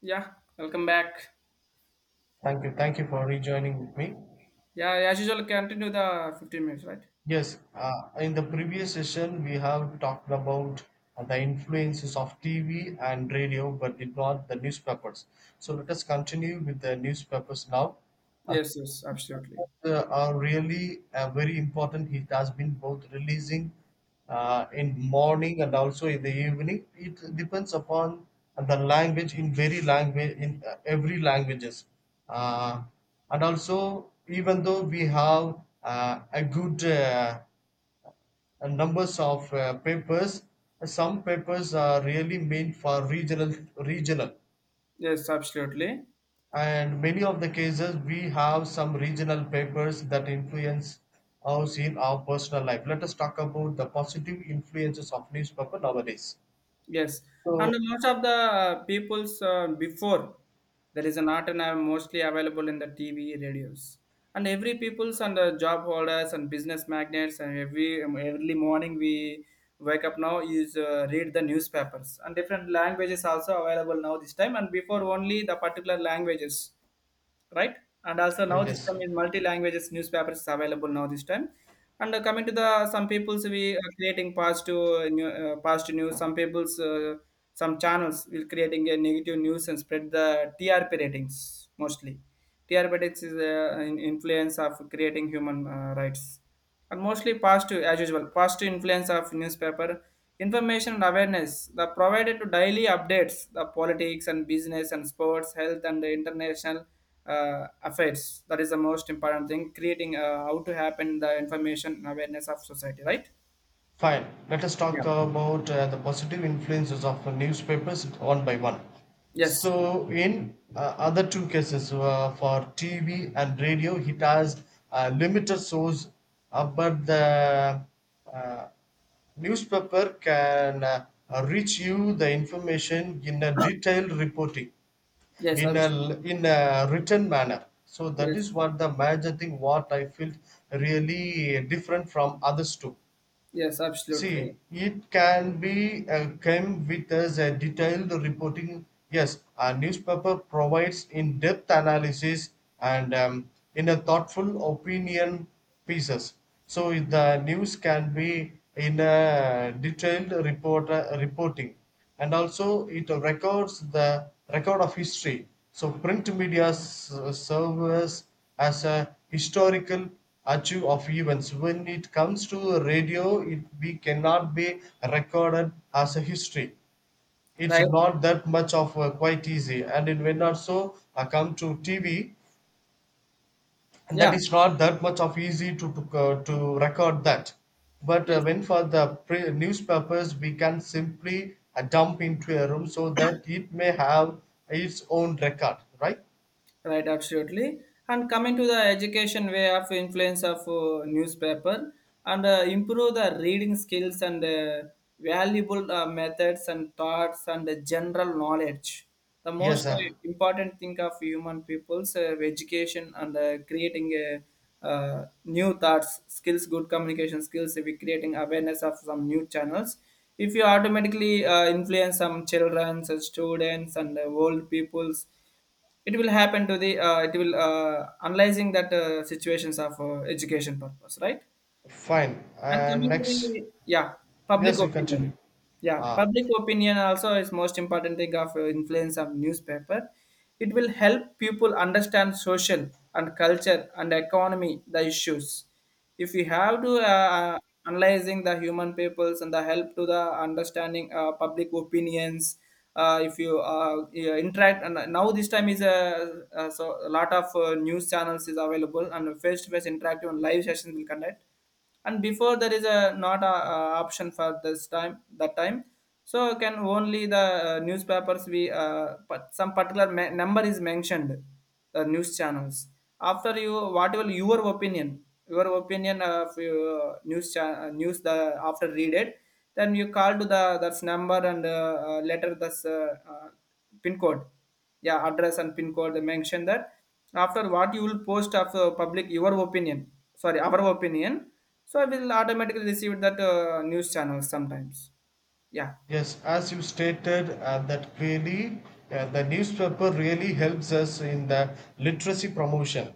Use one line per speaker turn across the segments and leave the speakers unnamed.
Yeah, welcome back.
Thank you. Thank you for rejoining with me.
Yeah, as usual, continue the 15 minutes, right?
Yes, uh, in the previous session, we have talked about the influences of TV and radio, but did not the newspapers. So let us continue with the newspapers now. Uh,
Yes, yes, absolutely.
are really very important. It has been both releasing in morning and also in the evening. It depends upon the language in very language in every languages, uh, and also even though we have a good numbers of papers, some papers are really meant for regional
Yes, absolutely.
and many of the cases we have some regional papers that influence us in our personal life. Let us talk about the positive influences of newspaper nowadays.
Yes.
So,
And most of the people's before, there is an art and are mostly available in the TV, radios. And every people's and the job holders and business magnates and every early morning we wake up now is read the newspapers and different languages also available now this time and before only the particular languages, right? And also
Uh,
now this
yes
time in multi languages newspapers is available now this time. And coming to the some people's we are creating positive positive news. Some people's some channels will creating a negative news and spread the TRP ratings mostly. TRP ratings is an influence of creating human rights and mostly positive as usual positive influence of newspaper information and awareness the provided to daily updates the politics and business and sports health and the international affairs. That is the most important thing creating how to happen the information and awareness of society, right?
Fine, let us talk
Yeah,
about the positive influences of newspapers one by one.
yes,
So, in other two cases for TV and radio, it has a limited source, but the uh, newspaper can reach you the information in a detailed reporting,
yes,
in a written manner, so that
yes,
is what the major thing what I felt really different from others too.
yes, absolutely,
See, it can be came with us a detailed reporting. Yes, a newspaper provides in-depth analysis and in a thoughtful opinion pieces. So the news can be in a detailed reporting, and also it records the record of history. So print media serves as a historical archive of events. When it comes to radio, it we cannot be recorded as a history. It's
right,
not that much of quite easy, and it when also come to TV, and that
yeah,
is not that much of easy to to record that. But
yes.
when for the newspapers we can simply dump into a room, so that it may have its own record, right?
Right, absolutely. And coming to the education way of influence of newspaper and improve the reading skills and valuable methods and thoughts and general knowledge. The
Yes
most
sir.
important thing of human people's education and creating a new thoughts, skills, good communication skills, we creating awareness of some new channels. If you automatically influence some children, some students, and old peoples, it will happen to the it will analyzing that situations of education purpose, right?
Fine.
And
And
coming to
next,
the, yeah, public
yes, you continue.
opinion. Yeah,
Ah,
public opinion also is most important thing of influence of newspaper. It will help people understand social and culture and economy the issues. If you have to analyzing the human peoples and the help to the understanding public opinions. If you yeah, interact and now this time is a so a lot of news channels is available and face to face interactive and live sessions will conduct, and before there is a not option for this time that time, so can only the newspapers be but some particular number is mentioned the news channels, after you, whatever your opinion, your opinion of your news the, after read it, then you call to the that's number and letter that's pin code, yeah, address and pin code they mention that, after what you will post of public your opinion, sorry, our opinion, so I will automatically receive that news channel sometimes. Yeah,
yes, as you stated, that clearly, the newspaper really helps us in the literacy promotion.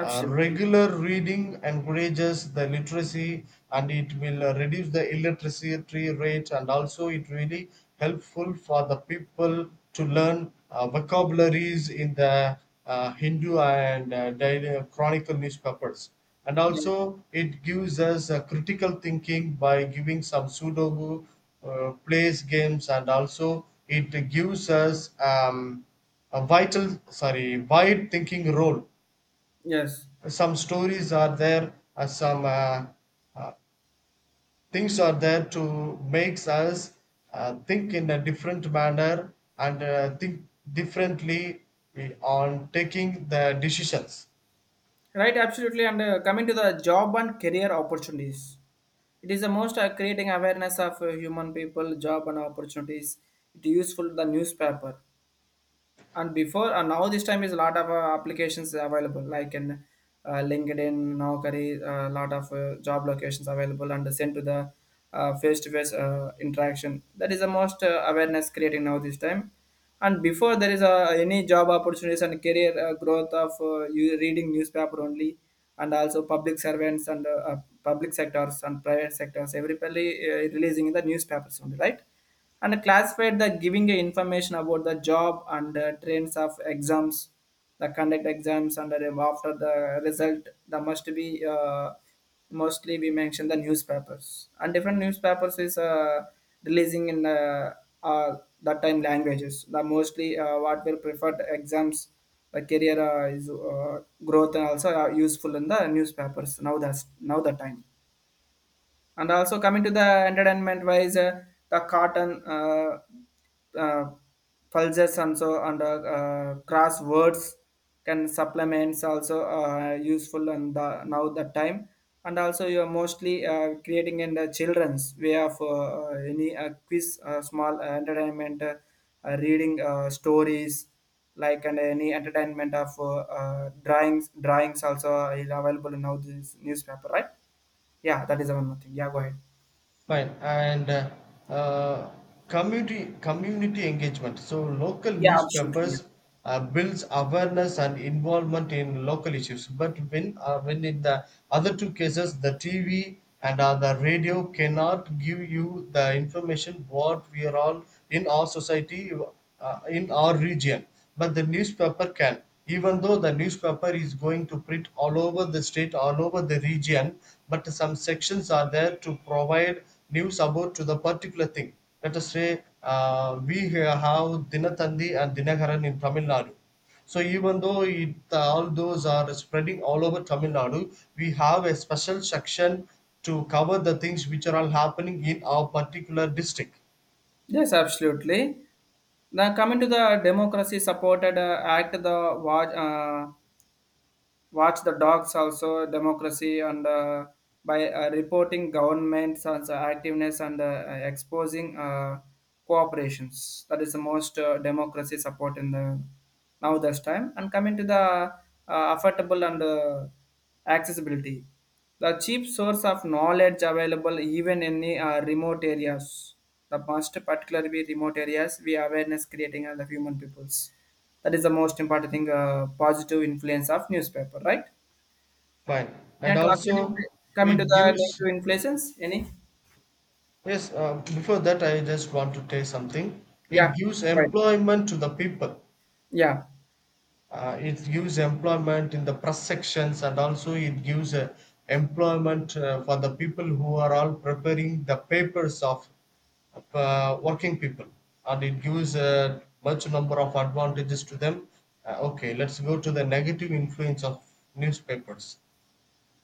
Regular reading encourages the literacy and it will reduce the illiteracy rate, and also it really helpful for the people to learn vocabularies in the Hindu and Daily Chronicle newspapers. And
Yeah.
also it gives us critical thinking by giving some Sudoku, plays games, and also it gives us a vital, sorry, wide thinking role.
Yes,
Some stories are there, some uh, things are there to makes us think in a different manner and think differently on taking the decisions.
right. Absolutely. And coming to the job and career opportunities, it is the most creating awareness of human people, job and opportunities. It is useful the newspaper. And before and now this time is a lot of applications available, like in linkedin, naukari, a lot of job locations available and sent to the face-to-face interaction. That is the most awareness creating now this time, and before there is any job opportunities and career growth of you reading newspaper only. And also public servants and public sectors and private sectors, everybody releasing in the newspapers only, right? And classified the giving information about the job and trends of exams, the conduct exams and after the result, the must be uh, mostly we mention the newspapers, and different newspapers is releasing in uh, that time languages the mostly what were preferred exams, the career is growth and also useful in the newspapers now that's now the time. And also coming to the entertainment wise, the cotton uh, pulses and so and crosswords can supplements also useful and the, now the time. And also you are mostly creating in the children's way of any quiz, small entertainment, reading stories like, and any entertainment of drawings also is available in now this newspaper, right? Yeah, that is the one more thing. Yeah, go ahead.
Fine. And uh, community engagement. So local
Yeah, absolutely. Yeah.
newspapers builds awareness and involvement in local issues. But when in the other two cases, the TV and the radio cannot give you the information what we are all in our society, in our region. But the newspaper can, even though the newspaper is going to print all over the state, all over the region, but some sections are there to provide news about to the particular thing. Let us say we here have dinatandi and dinakaran in tamil nadu. So even though it, all those are spreading all over tamil nadu, we have a special section to cover the things which are all happening in our particular district.
Yes, absolutely. Now, coming to the democracy supported act, the watch. Watch the dogs also democracy and by reporting governments and activeness and exposing cooperations, that is the most democracy support in the now this time. And coming to the affordable and accessibility, the cheap source of knowledge available even in the remote areas, the most particularly remote areas we awareness creating as the human peoples. That is the most important thing, positive influence of newspaper, right?
Fine, and
And
also
coming
it
to the
gives.
negative influences, any?
Yes, before that, I just want to tell something. It
Yeah,
gives
right.
employment to the people.
Yeah,
It gives employment in the press sections, and also it gives employment for the people who are all preparing the papers of working people, and it gives a much number of advantages to them. Okay, let's go to the negative influence of newspapers.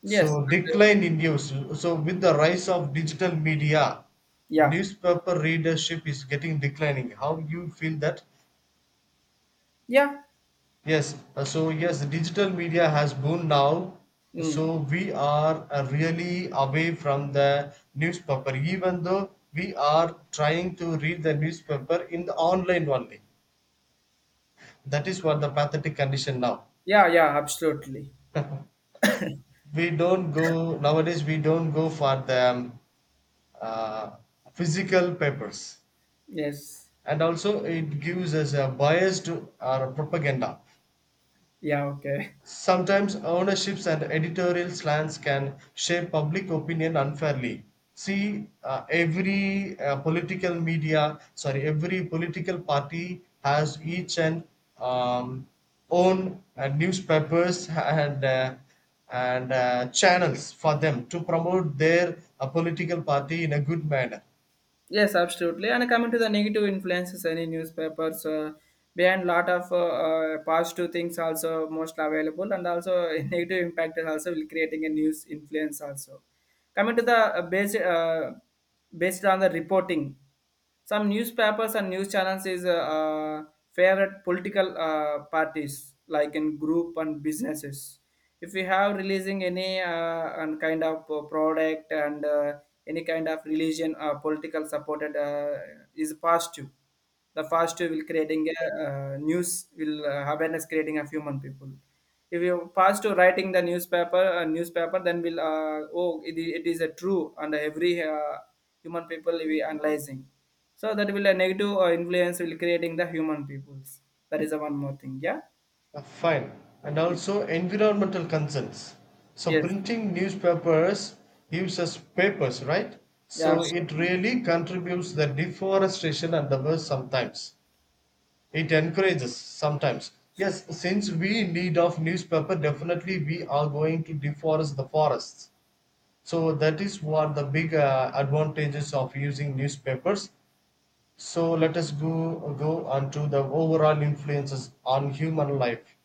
yes,
So
and,
decline in use. So with the rise of digital media,
yeah,
newspaper readership is getting declining. How you feel that?
yeah,
Yes. So yes, digital media has boomed now.
mm,
So we are really away from the newspaper, even though we are trying to read the newspaper in the online only. That is what the pathetic condition now.
yeah, yeah, absolutely.
We don't go nowadays. We don't go for the uh, physical papers,
Yes,
and also it gives us a biased or a propaganda.
yeah, okay.
Sometimes ownerships and editorial slants can shape public opinion unfairly. See, every political media, sorry, every political party has each and um, own newspapers and channels for them to promote their political party in a good manner.
Yes, absolutely. And coming to the negative influences, any newspapers behind lot of positive things also most available, and also negative impact is also will creating a news influence also. Coming to the based on the reporting. Some newspapers and news channels is favorite political parties like in group and businesses. If we have releasing any and kind of product and any kind of religion political supported is positive. The positive will creating a news will awareness creating of human people, if you pass to writing the newspaper newspaper, then we'll oh it, it is a true and every human people will be analyzing, so that will a negative influence will creating the human peoples. That is the one more thing, yeah.
Fine. And
Yeah.
also environmental concerns. So
Yes,
printing newspapers uses papers, right?
yeah,
So it
sure.
really contributes the deforestation and the worst sometimes. It encourages sometimes. Yes, since we need of newspaper, definitely we are going to deforest the forests. So that is what the big advantages of using newspapers. So let us go on to the overall influences on human life.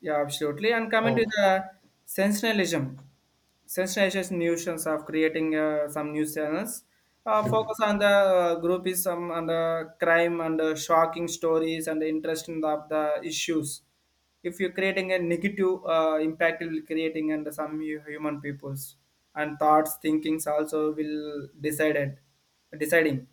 Yeah, absolutely. And coming to
Oh,
the sensationalism, sensationalist notions of creating some news channels, focus on the groupism and the crime and the shocking stories and the interest in the, of the issues. If you're creating a negative impact, it will creating and some human peoples, and thoughts, thinkings also will decided, deciding.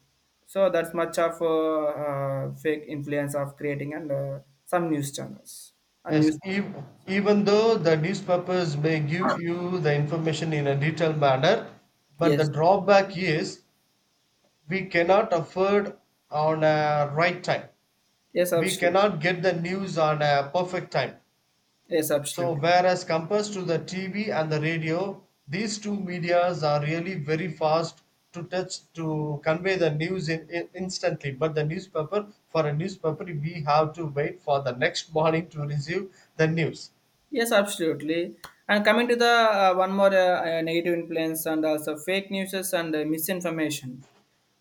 So that's much of fake influence of creating and some news channels and
as
news.
even though the newspapers may give you the information in a detailed manner, but the
Yes.
drawback is we cannot afford on a right time.
Yes,
We
absolutely.
cannot get the news on a perfect time.
Yes,
So
absolutely.
whereas compared to the TV and the radio, these two medias are really very fast to touch to convey the news instantly. But the newspaper, for a newspaper, we have to wait for the next morning to receive the news.
Yes, absolutely. And coming to the one more negative influence, and also fake news and misinformation,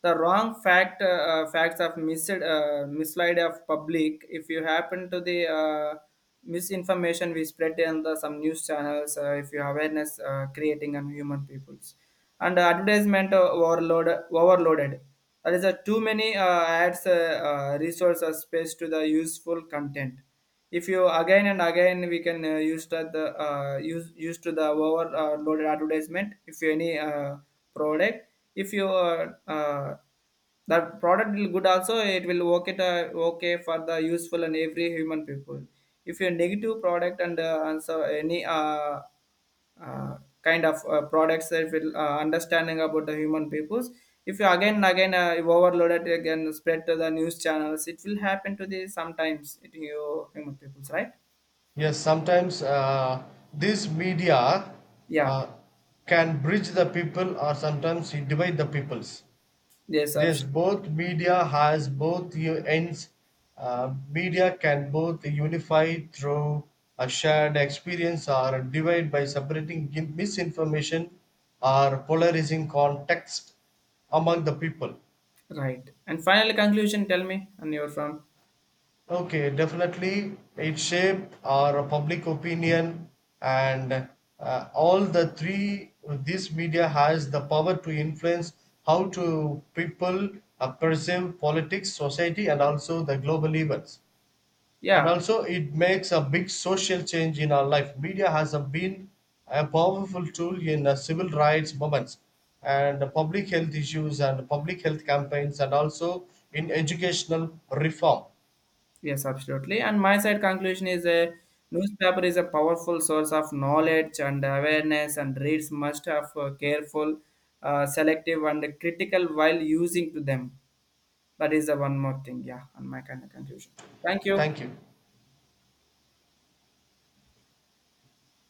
the wrong fact facts of mislead of public. If you happen to the misinformation we spread in the some news channels, if you awareness creating on human peoples and advertisement overloaded. That is a too many ads, resource or space to the useful content, if you again and again we can use that the use to the over loaded advertisement, if you any product, if you that product will good also, it will work it okay for the useful and every human people. If you negative product and answer any kind of products, that will understanding about the human peoples. If you again and again you overload it again spread to the news channels, it will happen to the sometimes it you human peoples, right?
Yes, sometimes these media
Yeah,
uh, can bridge the people, or sometimes it divide the peoples.
yes,
There's both media has both ends. Media can both unify through a shared experience or divide by separating misinformation or polarizing context among the people.
right. And final conclusion, tell me, and you're from.
Okay, definitely it shaped our public opinion, and all the three this media has the power to influence how to people perceive politics, society, and also the global events. And
Yeah,
also it makes a big social change in our life. Media has a been a powerful tool in civil rights movements and public health issues and public health campaigns and also in educational reform.
yes, absolutely. And my side conclusion is a newspaper is a powerful source of knowledge and awareness, and reads must have careful selective and critical while using to them. That is the one more thing, yeah. On my kind of conclusion, thank you.
Thank you.